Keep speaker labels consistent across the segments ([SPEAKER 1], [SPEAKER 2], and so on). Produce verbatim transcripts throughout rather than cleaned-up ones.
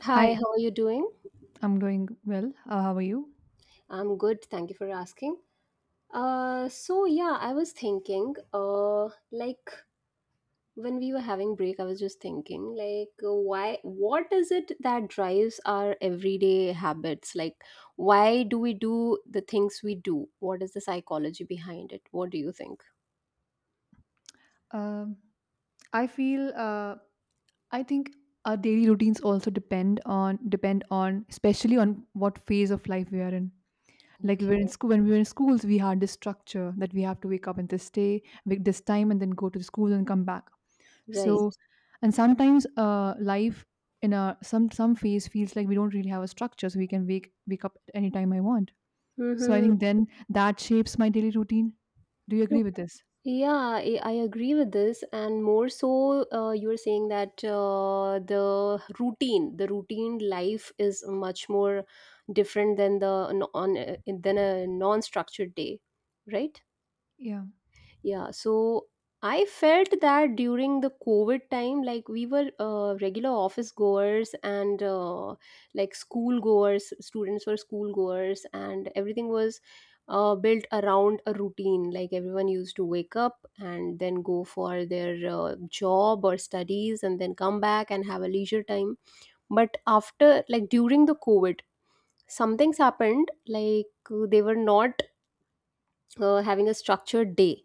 [SPEAKER 1] Hi,
[SPEAKER 2] Hi,
[SPEAKER 1] how are you doing?
[SPEAKER 2] I'm doing well. Uh, how are you?
[SPEAKER 1] I'm good. Thank you for asking. Uh, so yeah, I was thinking, uh, like when we were having break, I was just thinking, like, uh, why, what is it that drives our everyday habits? Like, why do we do the things we do? What is the psychology behind it? What do you think?
[SPEAKER 2] Um, I feel uh, I think our daily routines also depend on depend on especially on what phase of life we are in. Like we were in
[SPEAKER 1] Okay.
[SPEAKER 2] school When we were in schools, we had this structure that we have to wake up and this day, wake this time, and then go to the school and come back.
[SPEAKER 1] Right.
[SPEAKER 2] So, and sometimes uh, life in a some some phase feels like we don't really have a structure, so we can wake wake up at any time I want. So I
[SPEAKER 1] Mm-hmm.
[SPEAKER 2] think then that shapes my daily routine. Do you agree with this?
[SPEAKER 1] Yeah, I, I agree with this, and more so, uh, you're saying that uh, the routine, the routine life is much more different than the non, than a non-structured day, right?
[SPEAKER 2] Yeah.
[SPEAKER 1] Yeah, so I felt that during the COVID time, like we were uh, regular office goers and uh, like school goers, students were school goers, and everything was uh, built around a routine. Like everyone used to wake up and then go for their uh, job or studies and then come back and have a leisure time. But after, like during the COVID, some things happened, like uh, they were not uh, having a structured day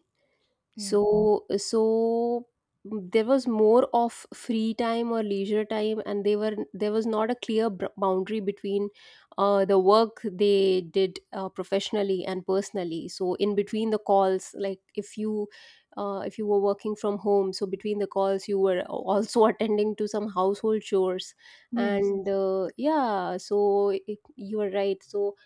[SPEAKER 2] Yeah.
[SPEAKER 1] so so there was more of free time or leisure time and they were there was not a clear br- boundary between uh, the work they did uh, professionally and personally, so in between the calls, like if you uh, if you were working from home, so between the calls you were also attending to some household chores,
[SPEAKER 2] Yes.
[SPEAKER 1] and uh, yeah, so it, you are right. So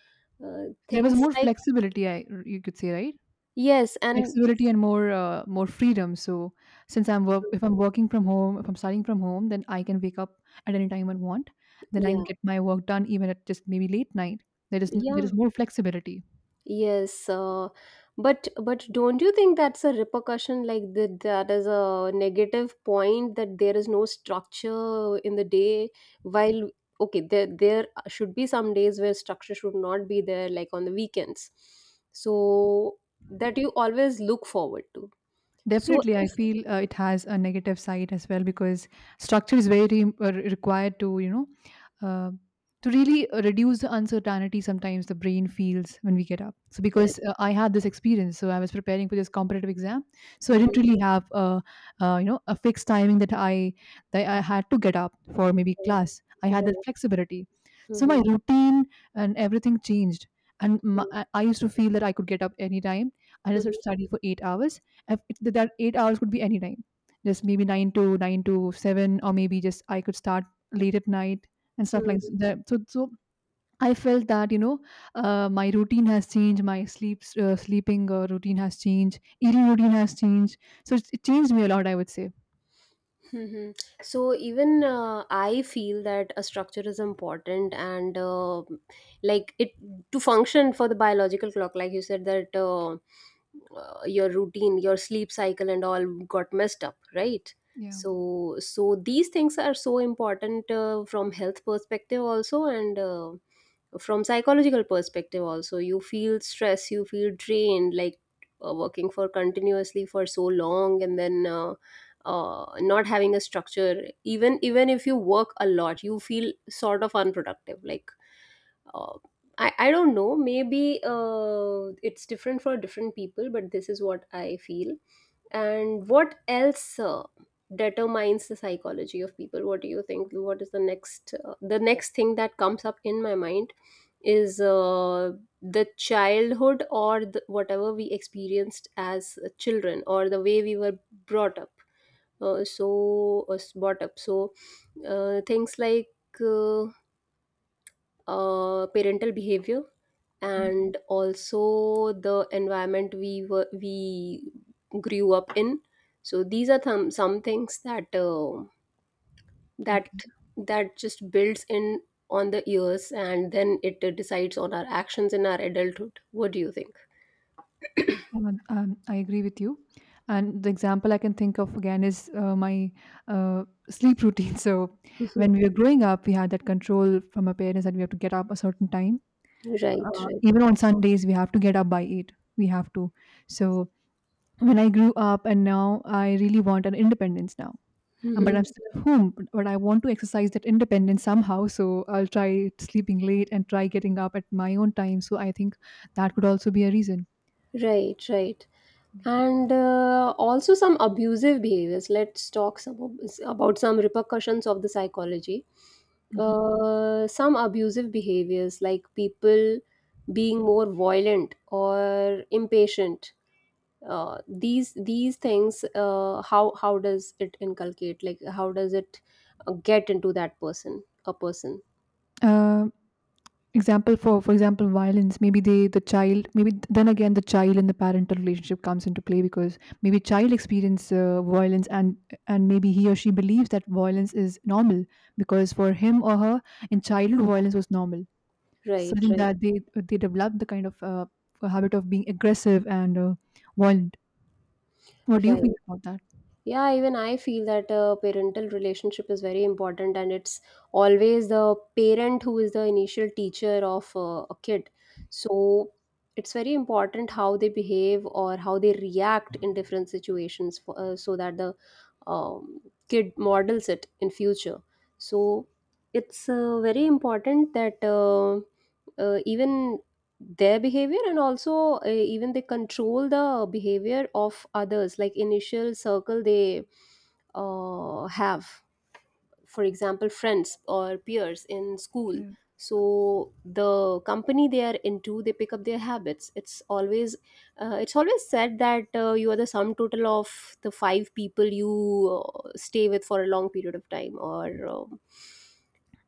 [SPEAKER 1] uh,
[SPEAKER 2] There was
[SPEAKER 1] things
[SPEAKER 2] more
[SPEAKER 1] like
[SPEAKER 2] flexibility, I you could say, right?
[SPEAKER 1] yes and
[SPEAKER 2] Flexibility and more uh, more freedom. So since I'm work, if I'm working from home, if I'm studying from home, then I can wake up at any time I want. Then I can
[SPEAKER 1] yeah
[SPEAKER 2] get my work done even at just maybe late night. There is n- there
[SPEAKER 1] yeah.
[SPEAKER 2] is more flexibility.
[SPEAKER 1] Yes, uh, but but don't you think that's a repercussion, like that that is a negative point, that there is no structure in the day while okay, there there should be some days where structure should not be there, like on the weekends. So that you always look forward to. So
[SPEAKER 2] Definitely, I
[SPEAKER 1] if
[SPEAKER 2] feel uh, it has a negative side as well because structure is very uh, required to you know uh, to really uh, reduce the uncertainty sometimes the brain feels when we get up so because uh, I had this experience so I was preparing for this competitive exam so I didn't
[SPEAKER 1] Mhm.
[SPEAKER 2] really have a, uh, you know a fixed timing that i that i had to get up for maybe
[SPEAKER 1] Right.
[SPEAKER 2] class I had that flexibility so my
[SPEAKER 1] Mhm.
[SPEAKER 2] routine and everything changed and my, I I used to feel that I could get up anytime I just
[SPEAKER 1] Mhm.
[SPEAKER 2] had to study for eight hours. If it- that eight hours could be any time just maybe nine to nine to seven or maybe just I could start late at night and stuff like
[SPEAKER 1] Mhm.
[SPEAKER 2] that. So so I felt that you know uh, my routine has changed, my sleep uh, sleeping uh, routine has changed, eating routine has changed. So it's- it changed me a lot, I would say.
[SPEAKER 1] Mhm. So even uh, I feel that a structure is important and uh, like it to function for the biological clock, like you said that uh, uh, your routine, your sleep cycle and all got messed up, right?
[SPEAKER 2] Yeah.
[SPEAKER 1] So so these things are so important uh, from health perspective also, and uh, from psychological perspective also. You feel stress, you feel drained, like uh, working for continuously for so long, and then uh, uh, not having a structure, even even if you work a lot you feel sort of unproductive, like uh, I, I don't know, maybe uh, it's different for different people, but this is what I feel. And what else uh, determines the psychology of people? What do you think? What is the next uh, the next thing that comes up in my mind is uh, the childhood, or the, whatever we experienced as children, or the way we were brought up, uh, so uh, brought up so uh, things like uh, uh, parental behavior,
[SPEAKER 2] Mhm.
[SPEAKER 1] and also the environment we were we grew up in. So these are some some things that uh,
[SPEAKER 2] Okay.
[SPEAKER 1] that that just builds in on the years, and then it uh, decides on our actions in our adulthood. What do you think?
[SPEAKER 2] Yeah, um, I agree with you. And the example I can think of again is uh, my uh, sleep routine. So, when we were growing up, we had that control from our parents that we have to get up a certain time.
[SPEAKER 1] Right,
[SPEAKER 2] Uh,
[SPEAKER 1] right.
[SPEAKER 2] even on Sundays, we have to get up by eight. We have to. So, when I grew up and now I really want an independence now. Um, But
[SPEAKER 1] Mhm.
[SPEAKER 2] I'm still at home, but but I want to exercise that independence somehow. So, I'll try sleeping late and try getting up at my own time. So, I think that could also be a reason.
[SPEAKER 1] Right, right.
[SPEAKER 2] Yeah.
[SPEAKER 1] And uh, also some abusive behaviors. Let's talk some ab- about some repercussions of the psychology.
[SPEAKER 2] Hmm.
[SPEAKER 1] Uh, some abusive behaviors, like people being more violent or impatient. Uh, these these things, uh, how how does it inculcate? Like how does it uh, get into that person a person?
[SPEAKER 2] Example for for example violence maybe they the child maybe th- then again the child and the parental relationship comes into play because maybe child experience uh, violence and and maybe he or she believes that violence is normal because for him or her in childhood violence was normal so I
[SPEAKER 1] Right,
[SPEAKER 2] think
[SPEAKER 1] right,
[SPEAKER 2] that they they develop the kind of uh, habit of being aggressive and uh, violent what do you think
[SPEAKER 1] right.
[SPEAKER 2] about that?
[SPEAKER 1] Yeah, even I feel that uh, parental relationship is very important, and it's always the parent who is the initial teacher of uh, a kid. So it's very important how they behave or how they react in different situations, for, uh, so that the um, kid models it in future. So it's uh, very important that uh, uh, even their behavior, and also uh, even they control the behavior of others, like initial circle they uh, have, for example friends or peers in school.
[SPEAKER 2] Yeah.
[SPEAKER 1] So the company they are into, they pick up their habits. It's always uh, it's always said that uh, you are the sum total of the five people you uh, stay with for a long period of time, or um,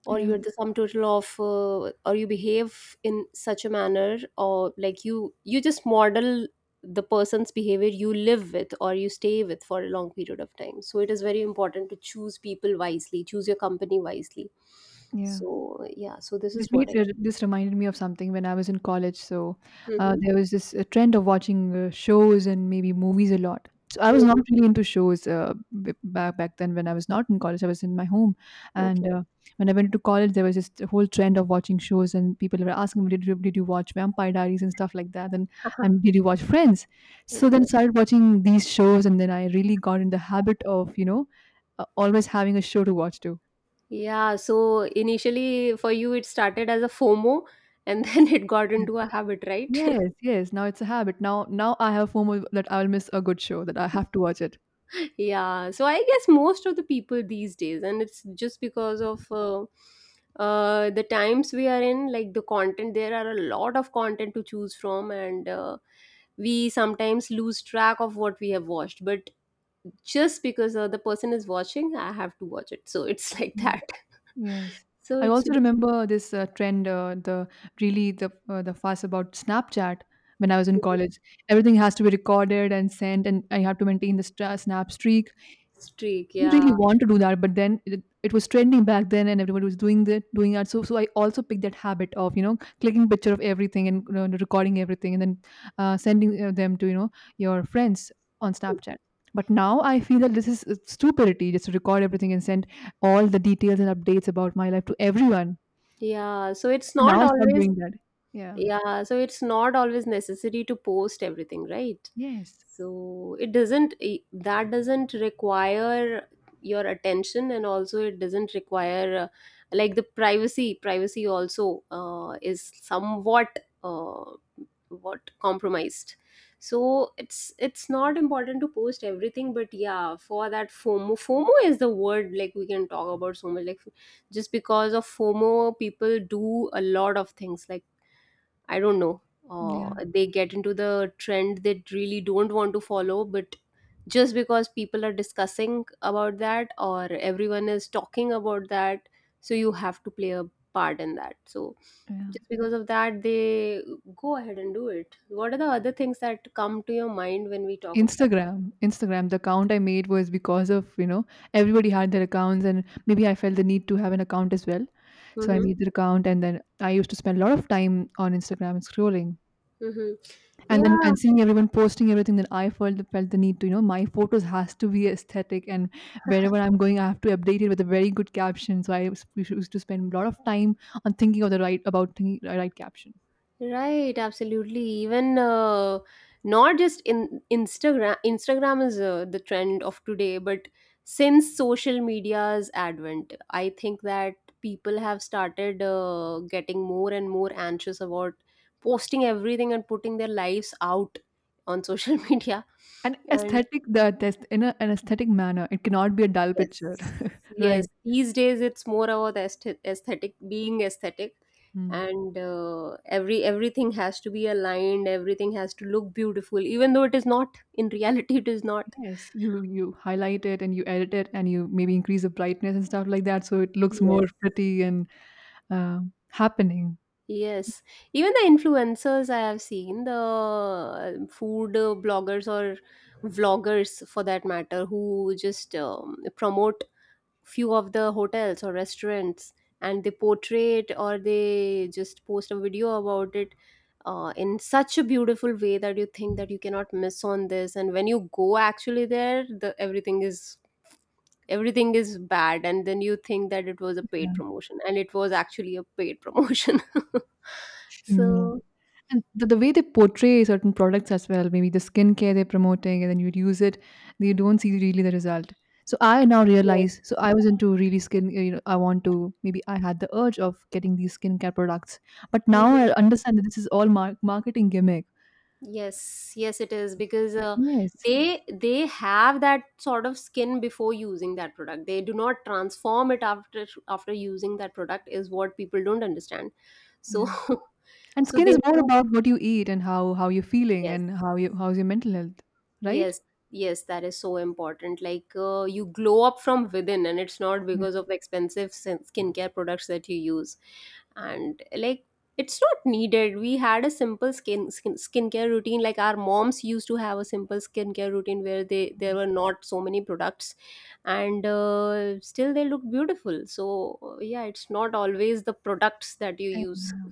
[SPEAKER 1] or
[SPEAKER 2] Yeah.
[SPEAKER 1] you're the sum total of uh, or you behave in such a manner, or like you you just model the person's behavior you live with or you stay with for a long period of time. So it is very important to choose people wisely, choose your company wisely.
[SPEAKER 2] Yeah.
[SPEAKER 1] So yeah, so this
[SPEAKER 2] This
[SPEAKER 1] is what
[SPEAKER 2] made
[SPEAKER 1] I
[SPEAKER 2] r- this reminded me of something when I was in college. So uh,
[SPEAKER 1] Mhm.
[SPEAKER 2] there was this uh, trend of watching uh, shows and maybe movies a lot. So I was
[SPEAKER 1] Mhm.
[SPEAKER 2] not really into shows uh, b- back back then when I was not in college. I was in my home,
[SPEAKER 1] Okay.
[SPEAKER 2] and uh, when I went to college, there was this whole trend of watching shows, and people were asking me, "Did you, did you watch Vampire Diaries and stuff like that?" and
[SPEAKER 1] Uh,
[SPEAKER 2] and did you watch Friends? So then
[SPEAKER 1] okay.
[SPEAKER 2] started watching these shows, and then I really got in the habit of you know uh, always having a show to watch too.
[SPEAKER 1] Yeah, so initially for you it started as a fomo, and then it got into a habit, right?
[SPEAKER 2] Yes, yes, now it's a habit. Now now I have FOMO that I'll miss a good show, that I have to watch it.
[SPEAKER 1] Yeah, so I guess most of the people these days, and it's just because of uh, uh, the times we are in, like the content, there are a lot of content to choose from, and uh, we sometimes lose track of what we have watched, but just because uh, the person is watching I have to watch it, so it's like
[SPEAKER 2] Yeah.
[SPEAKER 1] that.
[SPEAKER 2] Yes.
[SPEAKER 1] So
[SPEAKER 2] I
[SPEAKER 1] it's
[SPEAKER 2] also remember this uh, trend, uh, the really the uh, the fuss about Snapchat when I was in college. Everything has to be recorded and sent, and I have to maintain the stra- snap streak.
[SPEAKER 1] streak,
[SPEAKER 2] Didn't
[SPEAKER 1] yeah.
[SPEAKER 2] really want to do that, but then it, it was trending back then, and everybody was doing that, doing that. So, so I also picked that habit of you know clicking picture of everything and you know, recording everything, and then uh, sending uh, them to you know your friends on Snapchat. But now I feel that this is uh, stupidity just to record everything and send all the details and updates about my life to everyone.
[SPEAKER 1] Yeah, so it's
[SPEAKER 2] So now
[SPEAKER 1] not
[SPEAKER 2] I stop
[SPEAKER 1] always.
[SPEAKER 2] doing that. Yeah.
[SPEAKER 1] Yeah, so it's not always necessary to post everything, right?
[SPEAKER 2] Yes.
[SPEAKER 1] So it doesn't I- that doesn't require your attention, and also it doesn't require uh, like the privacy privacy also uh, is somewhat uh, what compromised. So it's it's not important to post everything, but yeah, for that fomo, fomo is the word. Like we can talk about so much, like just because of fomo people do a lot of things, like I don't know.
[SPEAKER 2] Yeah.
[SPEAKER 1] Uh, they get into the trend they really don't want to follow, but just because people are discussing about that or everyone is talking about that, so you have to play a part in that. So just because of that, they go ahead and do it. What are the other things that come to your mind when we talk of cyber?
[SPEAKER 2] Instagram, Instagram. The account I made was because of, you know, everybody had their accounts and maybe I felt the need to have an account as well. So I
[SPEAKER 1] Mm-hmm.
[SPEAKER 2] made the account and then I used to spend a lot of time on Instagram scrolling.
[SPEAKER 1] Mm-hmm.
[SPEAKER 2] And then
[SPEAKER 1] Yeah,
[SPEAKER 2] and seeing everyone posting everything, then I felt felt the need to, you know, my photos has to be aesthetic and wherever I'm going, I have to update it with a very good caption. So I was- we used to spend a lot of time on thinking of the right about thinking, the right caption.
[SPEAKER 1] right, absolutely. Even uh, not just in Instagram. Instagram is uh, the trend of today, but since social media's advent, I think that people have started uh, getting more and more anxious about posting everything and putting their lives out on social media.
[SPEAKER 2] And
[SPEAKER 1] And
[SPEAKER 2] aesthetic, the, the in a, an aesthetic manner, it cannot be a dull picture,
[SPEAKER 1] yes.
[SPEAKER 2] right?
[SPEAKER 1] Yes. These days it's more about aesthe- aesthetic, being aesthetic,
[SPEAKER 2] Hmm.
[SPEAKER 1] and uh, every everything has to be aligned. Everything has to look beautiful, even though it is not in reality. It is not.
[SPEAKER 2] Yes, you you highlight it and you edit it and you maybe increase the brightness and stuff like that, so it looks more
[SPEAKER 1] Yes.
[SPEAKER 2] pretty and uh, happening.
[SPEAKER 1] Yes. Even the influencers I have seen, the uh, food uh, bloggers or vloggers for that matter, who just um, promote few of the hotels or restaurants and they portray it, or they just post a video about it uh, in such a beautiful way that you think that you cannot miss on this. And when you go actually there, the everything is everything is bad, and then you think that it was a paid promotion, and it was actually a paid promotion.
[SPEAKER 2] Mm, yeah.
[SPEAKER 1] So
[SPEAKER 2] And the, the way they portray certain products as well, maybe the skincare they're promoting, and then you use it, you don't see really the result. So I now
[SPEAKER 1] yes.
[SPEAKER 2] realize, so I was into really skin, you know, I want to, maybe I had the urge of getting these skincare products, but now I understand that this is all mar- marketing gimmick.
[SPEAKER 1] Yes, yes, it is because uh,
[SPEAKER 2] Yes.
[SPEAKER 1] they they have that sort of skin before using that product. They do not transform it after after using that product, is what people don't understand. So
[SPEAKER 2] Yeah. And
[SPEAKER 1] so
[SPEAKER 2] skin
[SPEAKER 1] they
[SPEAKER 2] is more
[SPEAKER 1] think
[SPEAKER 2] about what you eat and how how you're feeling
[SPEAKER 1] yes.
[SPEAKER 2] and how you how's your mental health, right?
[SPEAKER 1] Yes, yes, that is so important. Like uh, you glow up from within, and it's not
[SPEAKER 2] Yeah.
[SPEAKER 1] because of expensive sin- skincare products that you use. And like it's not needed. We had a simple skin, skin skincare routine. Like our moms used to have a simple skincare routine where they there were not so many products, and uh, still they look beautiful. So uh, yeah, it's not always the products that you
[SPEAKER 2] And
[SPEAKER 1] use.
[SPEAKER 2] yeah.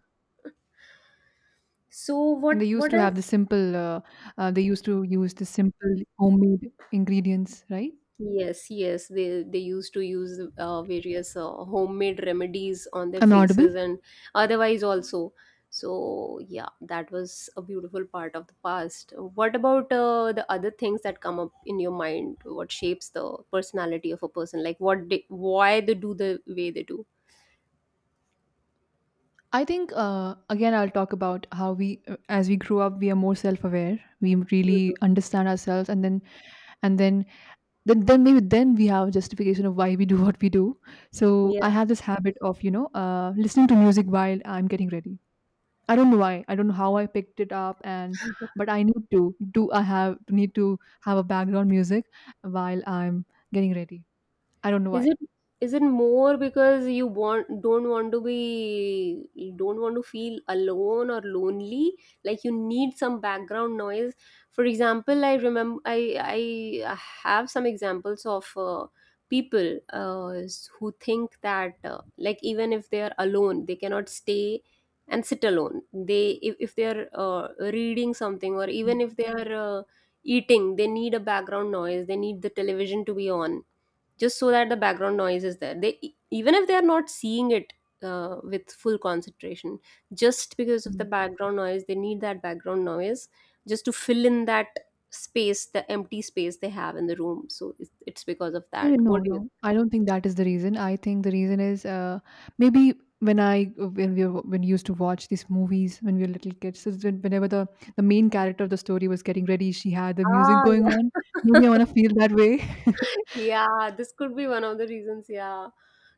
[SPEAKER 1] So
[SPEAKER 2] And they
[SPEAKER 1] what
[SPEAKER 2] used
[SPEAKER 1] what
[SPEAKER 2] to have
[SPEAKER 1] else.
[SPEAKER 2] the simple. Uh, uh, they used to use the simple homemade ingredients, right?
[SPEAKER 1] Yes, yes, they they used to use uh, various uh, homemade remedies on their
[SPEAKER 2] I'm audible.
[SPEAKER 1] faces and otherwise also. So yeah, that was a beautiful part of the past. What about uh, the other things that come up in your mind? What shapes the personality of a person? Like what they, why they do the way they do?
[SPEAKER 2] I think uh, again I'll talk about how we uh, as we grew up we are more self-aware. We really understand ourselves, and then and then then then maybe then we have a justification of why we do what we do. So
[SPEAKER 1] Mhm.
[SPEAKER 2] I have this habit of you know uh, listening to music while I'm getting ready. I don't know why. I don't know how I picked it up and but I need to do I have need to have a background music while I'm getting ready. I don't know
[SPEAKER 1] Is
[SPEAKER 2] why.
[SPEAKER 1] it is it more because you want don't want to be, you don't want to feel alone or lonely? Like you need some background noise. For example, I remember I I have some examples of uh, people uh, who think that uh, like even if they are alone, they cannot stay and sit alone. They if, if they are uh, reading something, or even if they are uh, eating, they need a background noise. They need the television to be on just so that the background noise is there, they e- even if they are not seeing it uh, with full concentration, just because of the
[SPEAKER 2] Mhm.
[SPEAKER 1] background noise they need that background noise just to fill in that space, the empty space they have in the room. So it's, it's because of that,
[SPEAKER 2] Eh,
[SPEAKER 1] what
[SPEAKER 2] No,
[SPEAKER 1] do you
[SPEAKER 2] no. I don't think that is the reason. I think the reason is uh, maybe when I when we were, when we used to watch these movies when we were little kids, so when- whenever the the main character of the story was getting ready, she had the music
[SPEAKER 1] ah
[SPEAKER 2] going on.
[SPEAKER 1] yeah.
[SPEAKER 2] Maybe I want to feel that way.
[SPEAKER 1] Yeah, this could be one of the reasons, yeah.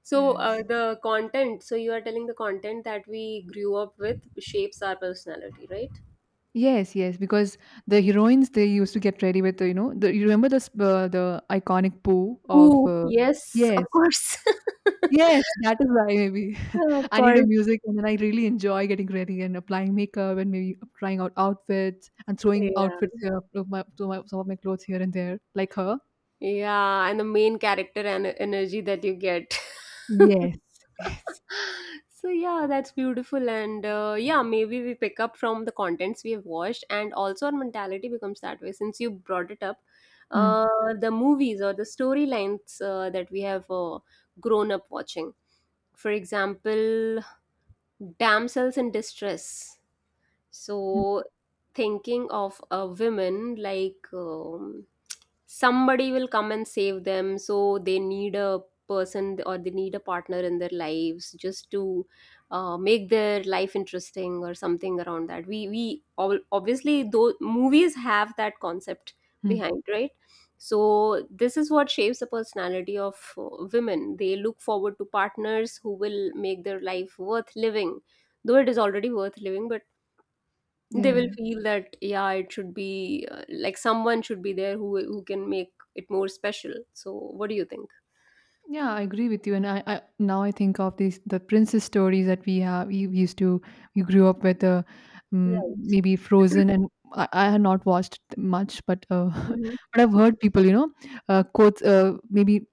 [SPEAKER 1] So uh,
[SPEAKER 2] Yes.
[SPEAKER 1] the content, so you are telling the content that we grew up with shapes our personality, right?
[SPEAKER 2] Yes, yes, because the heroines they used to get ready with, uh, you know, the you remember the sp- uh, the iconic poo of
[SPEAKER 1] Ooh,
[SPEAKER 2] uh,
[SPEAKER 1] yes,
[SPEAKER 2] yes,
[SPEAKER 1] of course.
[SPEAKER 2] yes, that is why maybe
[SPEAKER 1] Of
[SPEAKER 2] I need a
[SPEAKER 1] course.
[SPEAKER 2] music and then I really enjoy getting ready and applying makeup and maybe trying out outfits and throwing
[SPEAKER 1] Yeah.
[SPEAKER 2] outfits uh, to my, to my some of my clothes here and there, like her.
[SPEAKER 1] Yeah, and the main character and energy that you get.
[SPEAKER 2] Yes, yes,
[SPEAKER 1] So yeah, that's beautiful, and uh, yeah, maybe we pick up from the contents we have watched, and also our mentality becomes that way. Since you brought it up,
[SPEAKER 2] mm,
[SPEAKER 1] uh, the movies or the storylines uh, that we have uh, grown up watching. For example, damsels in distress.
[SPEAKER 2] mm,
[SPEAKER 1] So, thinking of a women like um, somebody will come and save them, so they need a person or they need a partner in their lives just to uh, make their life interesting or something around that. We we all, obviously though movies have that concept
[SPEAKER 2] mm.
[SPEAKER 1] behind, right? So this is what shapes the personality of uh, women. They look forward to partners who will make their life worth living, though it is already worth living, but they
[SPEAKER 2] Yeah.
[SPEAKER 1] will feel that yeah, it should be uh, like someone should be there who who can make it more special. So what do you think?
[SPEAKER 2] Yeah, I agree with you. And I, I now I think of these the princess stories that we have. We we used to we grew up with uh, um,
[SPEAKER 1] Right.
[SPEAKER 2] maybe Frozen, and I, I have not watched much, but uh,
[SPEAKER 1] Mhm.
[SPEAKER 2] but I've heard people, you know, uh, quotes. Uh, maybe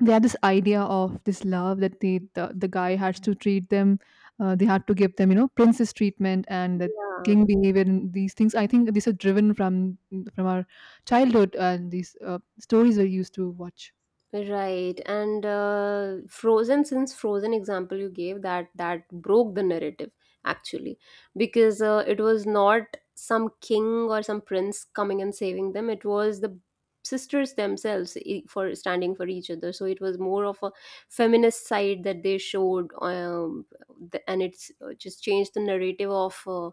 [SPEAKER 2] they had this idea of this love that they the, the guy has to treat them. Uh, they had to give them, you know, princess treatment and the
[SPEAKER 1] Yeah.
[SPEAKER 2] king behavior and these things. I think these are driven from from our childhood and these uh, stories we used to watch.
[SPEAKER 1] Right, and uh, Frozen, since Frozen example you gave, that that broke the narrative actually, because uh, it was not some king or some prince coming and saving them. It was the sisters themselves i- for standing for each other. So it was more of a feminist side that they showed, um, the, and it's uh, just changed the narrative of uh,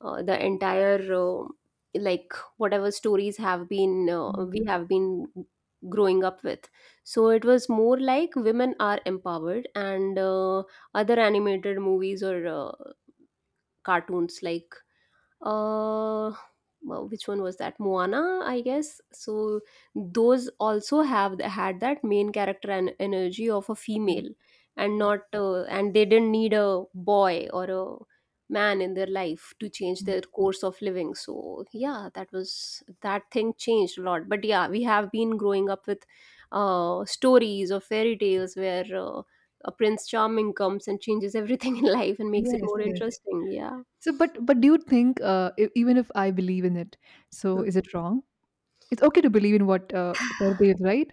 [SPEAKER 1] uh, the entire uh, like whatever stories have been uh,
[SPEAKER 2] Mm,
[SPEAKER 1] we have been growing up with. So it was more like women are empowered and uh, other animated movies or uh, cartoons like uh well, which one was that, Moana, I guess. So those also have had that main character and energy of a
[SPEAKER 2] yeah.
[SPEAKER 1] female, and not uh, and they didn't need a boy or a man in their life to change
[SPEAKER 2] Yeah.
[SPEAKER 1] their course of living. So yeah, that, was that thing changed a lot. But yeah, we have been growing up with uh stories or fairy tales where uh, a prince charming comes and changes everything in life and makes it
[SPEAKER 2] Yes,
[SPEAKER 1] more
[SPEAKER 2] yes.
[SPEAKER 1] interesting, yeah.
[SPEAKER 2] So, but but do you think, uh, e even if I believe in it, so is it wrong? It's okay to believe in what uh, fair is, right?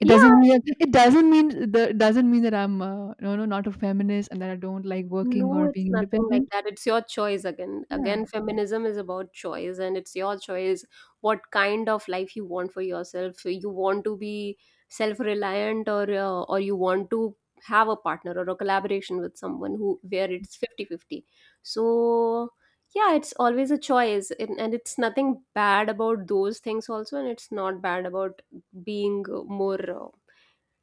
[SPEAKER 2] It
[SPEAKER 1] Yeah.
[SPEAKER 2] doesn't mean it doesn't mean the it doesn't mean that I'm uh, no, no, not a feminist and that I don't like working
[SPEAKER 1] No,
[SPEAKER 2] or
[SPEAKER 1] it's
[SPEAKER 2] being
[SPEAKER 1] nothing like
[SPEAKER 2] independent.
[SPEAKER 1] that. It's your choice again.
[SPEAKER 2] Yeah,
[SPEAKER 1] Again, feminism is about choice, and it's your choice what kind of life you want for yourself. So you want to be self-reliant, or uh, or you want to have a partner or a collaboration with someone who where it's fifty fifty. So yeah, it's always a choice, and, and it's nothing bad about those things also, and it's not bad about being more uh,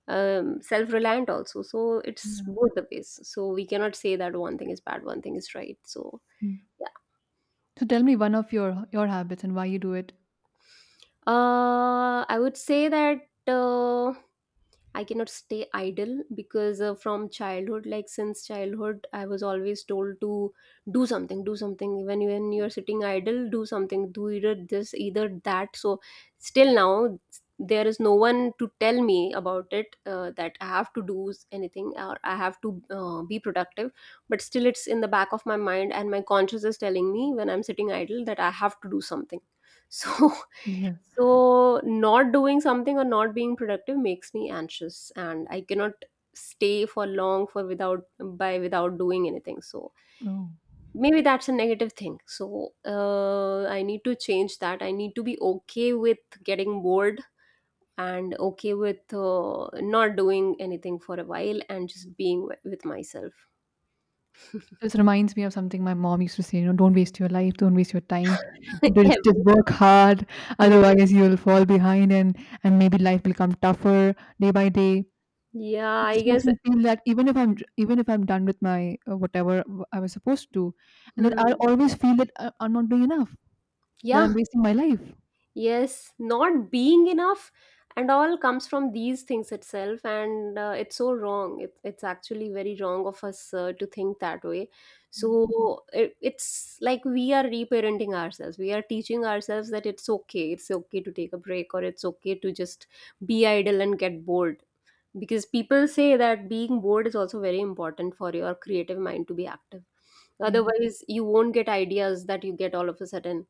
[SPEAKER 1] um, self-reliant also. So it's
[SPEAKER 2] yeah.
[SPEAKER 1] both the ways, so we cannot say that one thing is bad, one thing is right. So
[SPEAKER 2] Mm.
[SPEAKER 1] yeah,
[SPEAKER 2] So tell me one of your your habits and why you do it.
[SPEAKER 1] uh, I would say that uh, I cannot stay idle because uh, from childhood, like since childhood, I was always told to do something, do something. Even when you're sitting idle, do something, do either this, either that. So still now, there is no one to tell me about it, uh, that I have to do anything or I have to uh, be productive. But still, it's in the back of my mind, and my conscious is telling me when I'm sitting idle that I have to do something. So so, not doing something or not being productive makes me anxious, and I cannot stay for long for without by without doing anything. So,
[SPEAKER 2] Yeah. Oh.
[SPEAKER 1] maybe that's a negative thing. So, uh, I need to change that. I need to be okay with getting bored and okay with uh, not doing anything for a while and just being wi- with myself.
[SPEAKER 2] This reminds me of something my mom used to say, you know, don't waste your life, don't waste your time. Just
[SPEAKER 1] Every-
[SPEAKER 2] just work hard,
[SPEAKER 1] yeah.
[SPEAKER 2] otherwise you'll fall behind and and maybe life will become tougher day by day.
[SPEAKER 1] Yeah, I
[SPEAKER 2] This makes
[SPEAKER 1] guess.
[SPEAKER 2] me feel that even if I'm d- even if I'm done with my uh, whatever w- I was supposed to, and then
[SPEAKER 1] Hmm.
[SPEAKER 2] I'll always feel that I- I'm not doing enough, that
[SPEAKER 1] Yeah.
[SPEAKER 2] I'm wasting my life.
[SPEAKER 1] Yes, not being enough and all comes from these things itself, and uh, it's so wrong. It, it's actually very wrong of us uh, to think that way.
[SPEAKER 2] Mm.
[SPEAKER 1] So it, it's like we are reparenting ourselves. We are teaching ourselves that it's okay. It's okay to take a break, or it's okay to just be idle and get bored, because people say that being bored is also very important for your creative mind to be active.
[SPEAKER 2] Yeah,
[SPEAKER 1] Otherwise you won't get ideas that you get all of a sudden,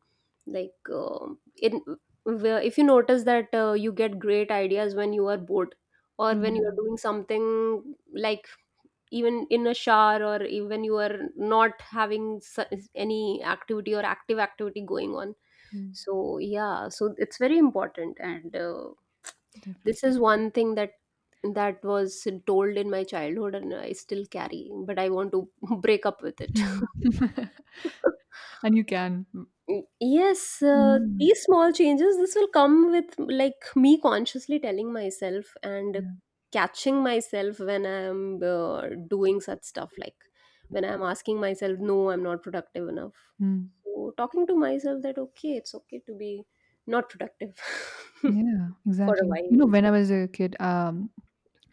[SPEAKER 1] like um in where- if you notice that uh, you get great ideas when you are bored or when you are
[SPEAKER 2] yeah,
[SPEAKER 1] doing something, like even in a shower or even you are not having su- any activity or active activity going on.
[SPEAKER 2] mm,
[SPEAKER 1] So yeah, so it's very important. And uh, this
[SPEAKER 2] definitely.
[SPEAKER 1] is one thing that that was told in my childhood and I still carry, but I want to break up with it.
[SPEAKER 2] Mm. And you can.
[SPEAKER 1] Yes, uh,
[SPEAKER 2] Mm,
[SPEAKER 1] these small changes, this will come with like me consciously telling myself and
[SPEAKER 2] yeah.
[SPEAKER 1] catching myself when I'm uh, doing such stuff, like when I'm asking myself, no, I'm not productive enough.
[SPEAKER 2] Mm.
[SPEAKER 1] So talking to myself that, okay, it's okay to be not productive
[SPEAKER 2] Yeah,
[SPEAKER 1] for a
[SPEAKER 2] exactly. You know, when I was a kid, um,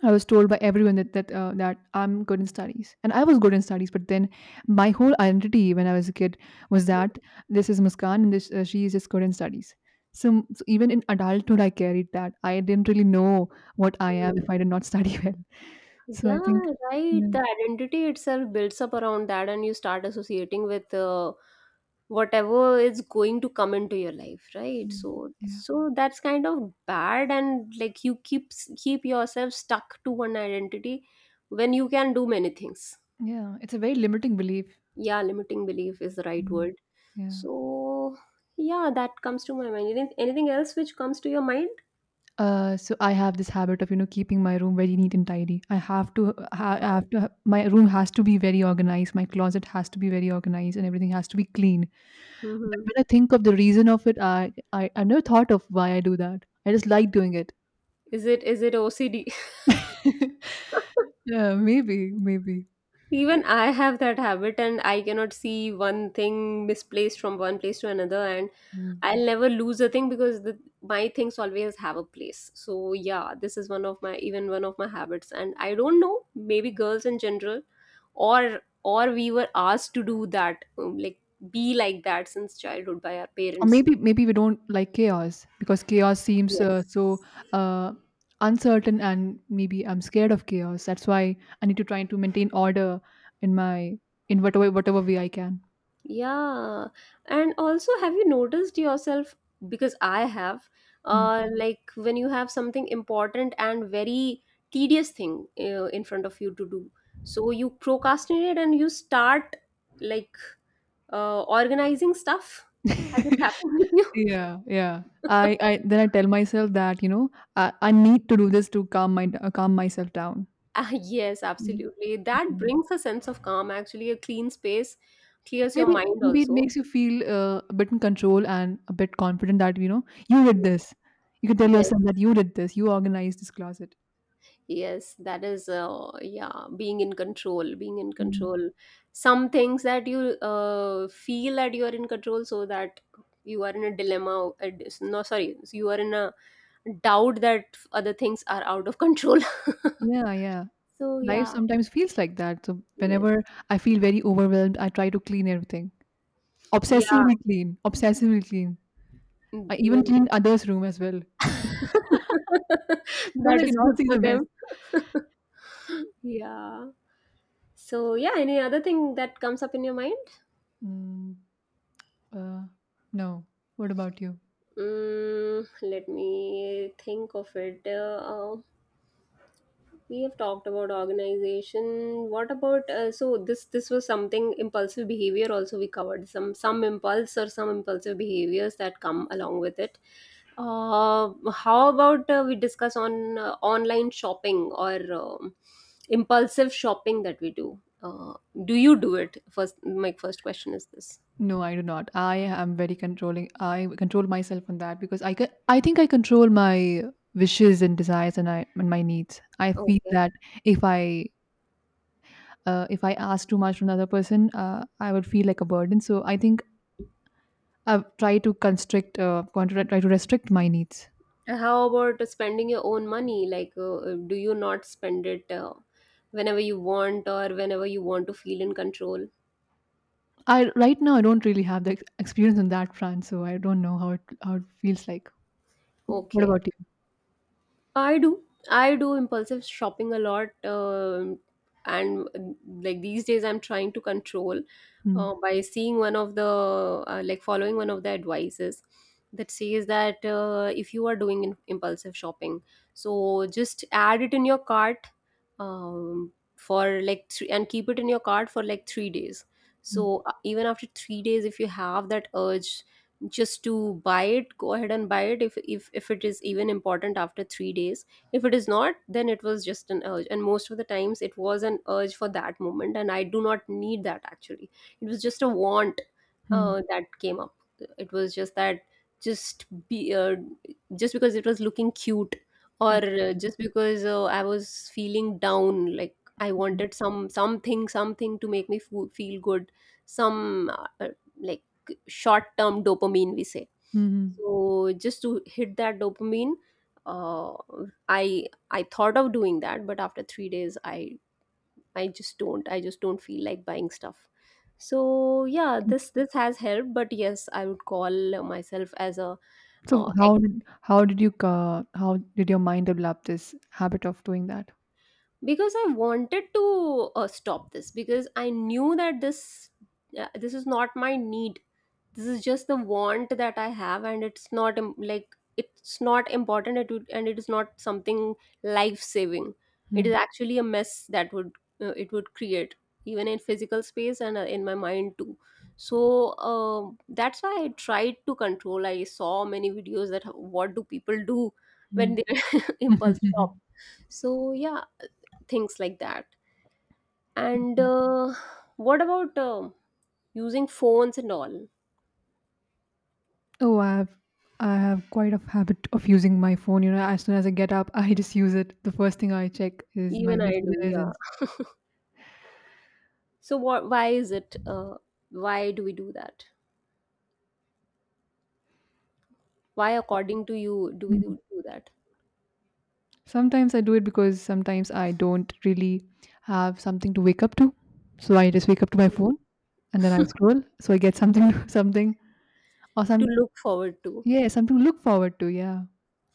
[SPEAKER 2] I was told by everyone that that uh, that I'm good in studies, and I was good in studies. But then my whole identity when I was a kid was
[SPEAKER 1] while.
[SPEAKER 2] that this is Muskan and this uh, she is just good in studies. So, so even in adulthood, I carried that. I didn't really know what I am if I did not study well. So I
[SPEAKER 1] Yeah,
[SPEAKER 2] think,
[SPEAKER 1] right.
[SPEAKER 2] yeah.
[SPEAKER 1] The identity itself builds up around that, and you start associating with uh, whatever is going to come into your life, right?
[SPEAKER 2] Mm.
[SPEAKER 1] So,
[SPEAKER 2] Yeah,
[SPEAKER 1] so that's kind of bad, and like you keep keep yourself stuck to one identity when you can do many things.
[SPEAKER 2] yeah. It's a very limiting belief.
[SPEAKER 1] Yeah, limiting belief is the right word.
[SPEAKER 2] Mm. Yeah.
[SPEAKER 1] So, yeah, that comes to my mind. Anything anything else which comes to your mind?
[SPEAKER 2] Uh, so I have this habit of, you know, keeping my room very neat and tidy. I have to, ha- I have to, ha- my room has to be very organized. My closet has to be very organized, and everything has to be clean. But
[SPEAKER 1] Hmm.
[SPEAKER 2] when I think of the reason of it, I, I, I never thought of why I do that. I just like doing it.
[SPEAKER 1] Is it is it O C D?
[SPEAKER 2] Yeah, maybe, maybe.
[SPEAKER 1] Even I have that habit, and I cannot see one thing misplaced from one place to another, and
[SPEAKER 2] Hmm.
[SPEAKER 1] I'll never lose a thing because the, my things always have a place. So yeah, this is one of my, even one of my habits, and I don't know, maybe girls in general, or or we were asked to do that, um, like be like that since childhood by our
[SPEAKER 2] Or
[SPEAKER 1] parents.
[SPEAKER 2] maybe maybe we don't like chaos because chaos seems uh, so,
[SPEAKER 1] Yes.
[SPEAKER 2] uh, uncertain, and maybe I'm scared of chaos. That's why I need to try to maintain order in my, in whatever whatever way I can.
[SPEAKER 1] Yeah. And also, have you noticed yourself? Because I have,
[SPEAKER 2] Hmm.
[SPEAKER 1] uh, like when you have something important and very tedious thing uh, in front of you to do, so you procrastinate and you start like uh, organizing stuff. Has it happened with you?
[SPEAKER 2] Yeah, yeah. I, I then I tell myself that, you know, I, I need to do this to calm my, uh, calm myself down.
[SPEAKER 1] Ah, yes,
[SPEAKER 2] Mm.
[SPEAKER 1] absolutely. That brings a sense of calm, actually, a clean space clears your
[SPEAKER 2] Maybe
[SPEAKER 1] mind
[SPEAKER 2] maybe it
[SPEAKER 1] also.
[SPEAKER 2] makes you feel uh, a bit in control and a bit confident that you know you did
[SPEAKER 1] Yes.
[SPEAKER 2] this. You can tell
[SPEAKER 1] Yes.
[SPEAKER 2] yourself that you did this. You organized this closet.
[SPEAKER 1] Yes, that is, uh, yeah, being in control, being in
[SPEAKER 2] Hmm.
[SPEAKER 1] control. Some things that you uh, feel that you are in control, so that you are in a dilemma. uh, dis- No, sorry, so you are in a doubt that other things are out of control.
[SPEAKER 2] Yeah, yeah.
[SPEAKER 1] So,
[SPEAKER 2] Life
[SPEAKER 1] yeah,
[SPEAKER 2] sometimes feels like that. So
[SPEAKER 1] yes,
[SPEAKER 2] whenever I feel very overwhelmed, I try to clean everything.
[SPEAKER 1] yeah,
[SPEAKER 2] Obsessively clean. Obsessively clean.
[SPEAKER 1] mm,
[SPEAKER 2] I even
[SPEAKER 1] even
[SPEAKER 2] clean others' room as well. Because
[SPEAKER 1] that
[SPEAKER 2] I
[SPEAKER 1] is
[SPEAKER 2] cannot
[SPEAKER 1] good
[SPEAKER 2] see
[SPEAKER 1] for
[SPEAKER 2] the mess.
[SPEAKER 1] them. Yeah. So, yeah, any other thing that comes up in your mind?
[SPEAKER 2] Mm. Uh, no. What about you?
[SPEAKER 1] Mm, let me think of it. Uh, we have talked about organization. What about uh, so this this was something impulsive behavior also. We covered some some impulse or some impulsive behaviors that come along with it. Uh, how about uh, we discuss on uh, online shopping or um, impulsive shopping that we do uh, do you do it? First, my first question is this.
[SPEAKER 2] No, I do not. I am very controlling. I control myself on that because I can, I think I control my wishes and desires and I and my needs. I feel
[SPEAKER 1] Okay.
[SPEAKER 2] that if I, uh, if I ask too much from another person, uh, I would feel like a burden. So I think I try to constrict, uh, want to try to restrict my needs.
[SPEAKER 1] How about spending your own money, like uh, do you not spend it uh, whenever you want or whenever you want to feel in control?
[SPEAKER 2] I right now I don't really have the ex- experience on that front, so I don't know how it, how it feels like. What
[SPEAKER 1] Okay.
[SPEAKER 2] about you?
[SPEAKER 1] I do. I do impulsive shopping a lot. Um, and uh, like these days, I'm trying to control
[SPEAKER 2] Hmm.
[SPEAKER 1] uh, by seeing one of the, uh, like following one of the advices that says that uh, if you are doing in- impulsive shopping, so just add it in your cart, um, for like three and keep it in your cart for like three days.
[SPEAKER 2] Hmm.
[SPEAKER 1] So uh, even after three days, if you have that urge, just to buy it, go ahead and buy it. if if, if it is even important after three days, if it is not, then it was just an urge, and most of the times it was an urge for that moment and I do not need that actually. It was just a want
[SPEAKER 2] Mm.
[SPEAKER 1] uh, that came up. It was just that, just be uh, just because it was looking cute, or
[SPEAKER 2] Okay.
[SPEAKER 1] uh, just because uh, I was feeling down, like I
[SPEAKER 2] Hmm.
[SPEAKER 1] wanted some something something to make me fo- feel good. Some uh, uh, like short term dopamine we say.
[SPEAKER 2] Hmm, hmm.
[SPEAKER 1] So just to hit that dopamine, uh, i i thought of doing that, but after three days i i just don't, I just don't feel like buying stuff. So yeah, this this has helped. But yes, I would call myself as a uh,
[SPEAKER 2] So
[SPEAKER 1] ex-
[SPEAKER 2] how did how did you, uh, how did your mind develop this habit of doing that?
[SPEAKER 1] because I wanted to uh, stop this because I knew that this uh, this is not my need. This is just the want that I have, and it's not im- like it's not important it would, and it is not something life saving. It is
[SPEAKER 2] Hmm.
[SPEAKER 1] actually a mess that would uh, it would create even in physical space and uh, in my mind too. So, um, that's why I tried to control. I saw many videos that h- what do people do when
[SPEAKER 2] Hmm.
[SPEAKER 1] they impulse shop. So yeah, things like that. And uh, what about, um, using phones and all?
[SPEAKER 2] Oh, I have, I have quite a habit of using my phone. You know, as soon as I get up, I just use it. The first thing I check is my
[SPEAKER 1] Even I do,
[SPEAKER 2] messages
[SPEAKER 1] yeah.
[SPEAKER 2] and.
[SPEAKER 1] So what? Why is it? Uh, why do we do that? Why, according to you, do we do, do that?
[SPEAKER 2] Sometimes I do it because sometimes I don't really have something to wake up to. So I just wake up to my
[SPEAKER 1] Hmm.
[SPEAKER 2] phone and then I scroll. So I get something something or
[SPEAKER 1] To
[SPEAKER 2] some,
[SPEAKER 1] look forward to.
[SPEAKER 2] yeah, something to look forward to. Yeah.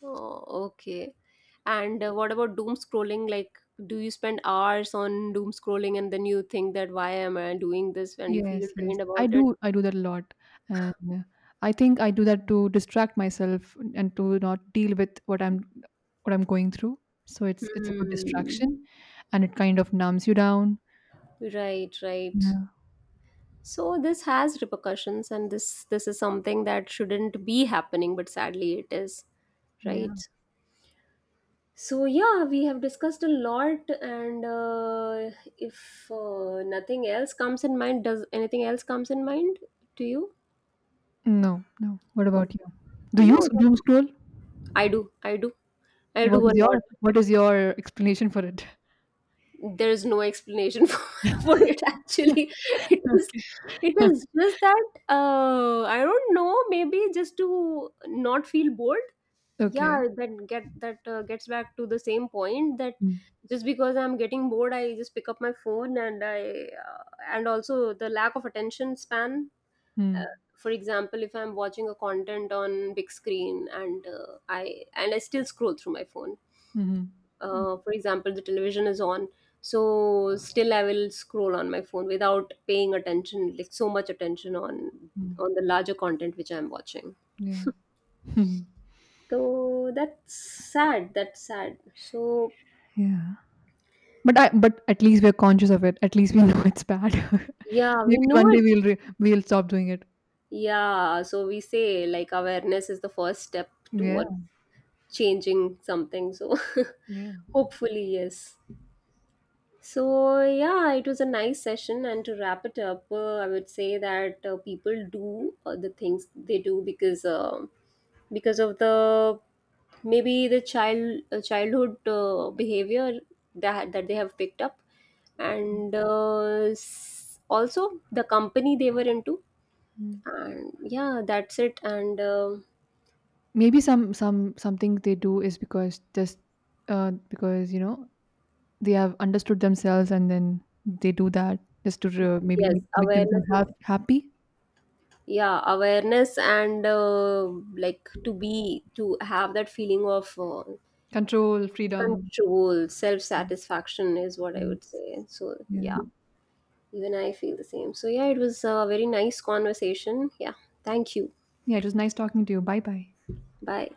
[SPEAKER 1] Oh, okay. And uh, what about doom scrolling? Like, do you spend hours on doom scrolling and then you think that, why am I doing this? And you feel
[SPEAKER 2] Yes, yes.
[SPEAKER 1] drained
[SPEAKER 2] I
[SPEAKER 1] about it.
[SPEAKER 2] do I do that a lot. And uh, I think I do that to distract myself and to not deal with what I'm what I'm going through. So it's it's a good
[SPEAKER 1] Hmm.
[SPEAKER 2] distraction and it kind of numbs you down.
[SPEAKER 1] Right, right.
[SPEAKER 2] Yeah.
[SPEAKER 1] So this has repercussions, and this this is something that shouldn't be happening, but sadly it is.
[SPEAKER 2] Yeah.
[SPEAKER 1] Right. So yeah, we have discussed a lot, and uh, if uh, nothing else comes in mind, does anything else comes in mind to you?
[SPEAKER 2] No, no. What
[SPEAKER 1] Oh,
[SPEAKER 2] about you? Do
[SPEAKER 1] you
[SPEAKER 2] you
[SPEAKER 1] know,
[SPEAKER 2] s- doom scroll?
[SPEAKER 1] I do, I do, I
[SPEAKER 2] And what
[SPEAKER 1] do a
[SPEAKER 2] is
[SPEAKER 1] lot.
[SPEAKER 2] your what is your explanation for it?
[SPEAKER 1] There is no explanation for, for it. Actually, it was, it was just that uh, I don't know. Maybe just to not feel bored. Yeah,
[SPEAKER 2] Okay.
[SPEAKER 1] that get that uh, gets back to the same point that,
[SPEAKER 2] Mm.
[SPEAKER 1] just because I'm getting bored I just pick up my phone and I uh, and also the lack of attention span.
[SPEAKER 2] Mm.
[SPEAKER 1] uh, for example, if I'm watching a content on big screen and uh, i and i still scroll through my phone,
[SPEAKER 2] Mhm. Mm,
[SPEAKER 1] uh, for example the television is on, so still I will scroll on my phone without paying attention, like so much attention on
[SPEAKER 2] mm.
[SPEAKER 1] on the larger content which I'm watching.
[SPEAKER 2] Yeah. Hmm.
[SPEAKER 1] So that's sad, that's sad. So
[SPEAKER 2] Yeah. But I, but at least we're conscious of it. At least we know it's bad.
[SPEAKER 1] yeah,
[SPEAKER 2] Maybe
[SPEAKER 1] we know
[SPEAKER 2] one day
[SPEAKER 1] it.
[SPEAKER 2] we'll re we'll stop doing it.
[SPEAKER 1] Yeah, so we say like awareness is the first step
[SPEAKER 2] Yeah.
[SPEAKER 1] towards changing something. So
[SPEAKER 2] Yeah.
[SPEAKER 1] hopefully, yes. So yeah, it was a nice session. And to wrap it up, uh, I would say that uh, people do uh, the things they do because uh, because of the, maybe the child, uh, childhood uh, behavior that that they have picked up, and uh, s- also the company they were into.
[SPEAKER 2] Mm.
[SPEAKER 1] And yeah, that's it. And, um,
[SPEAKER 2] Maybe some some something they do is because just, uh, because, you know, they have understood themselves and then they do that just to, uh, maybe
[SPEAKER 1] yes,
[SPEAKER 2] make, make themselves
[SPEAKER 1] awareness is,
[SPEAKER 2] ha happy.
[SPEAKER 1] yeah, awareness and uh, like to be, to have that feeling of uh,
[SPEAKER 2] Control, freedom.
[SPEAKER 1] control, self satisfaction is what I
[SPEAKER 2] Yes.
[SPEAKER 1] would say. So yeah,
[SPEAKER 2] Yeah.
[SPEAKER 1] even I feel the same. So yeah, it was a very nice conversation. Yeah, thank you.
[SPEAKER 2] Yeah, it was nice talking to you. Bye bye.
[SPEAKER 1] Bye.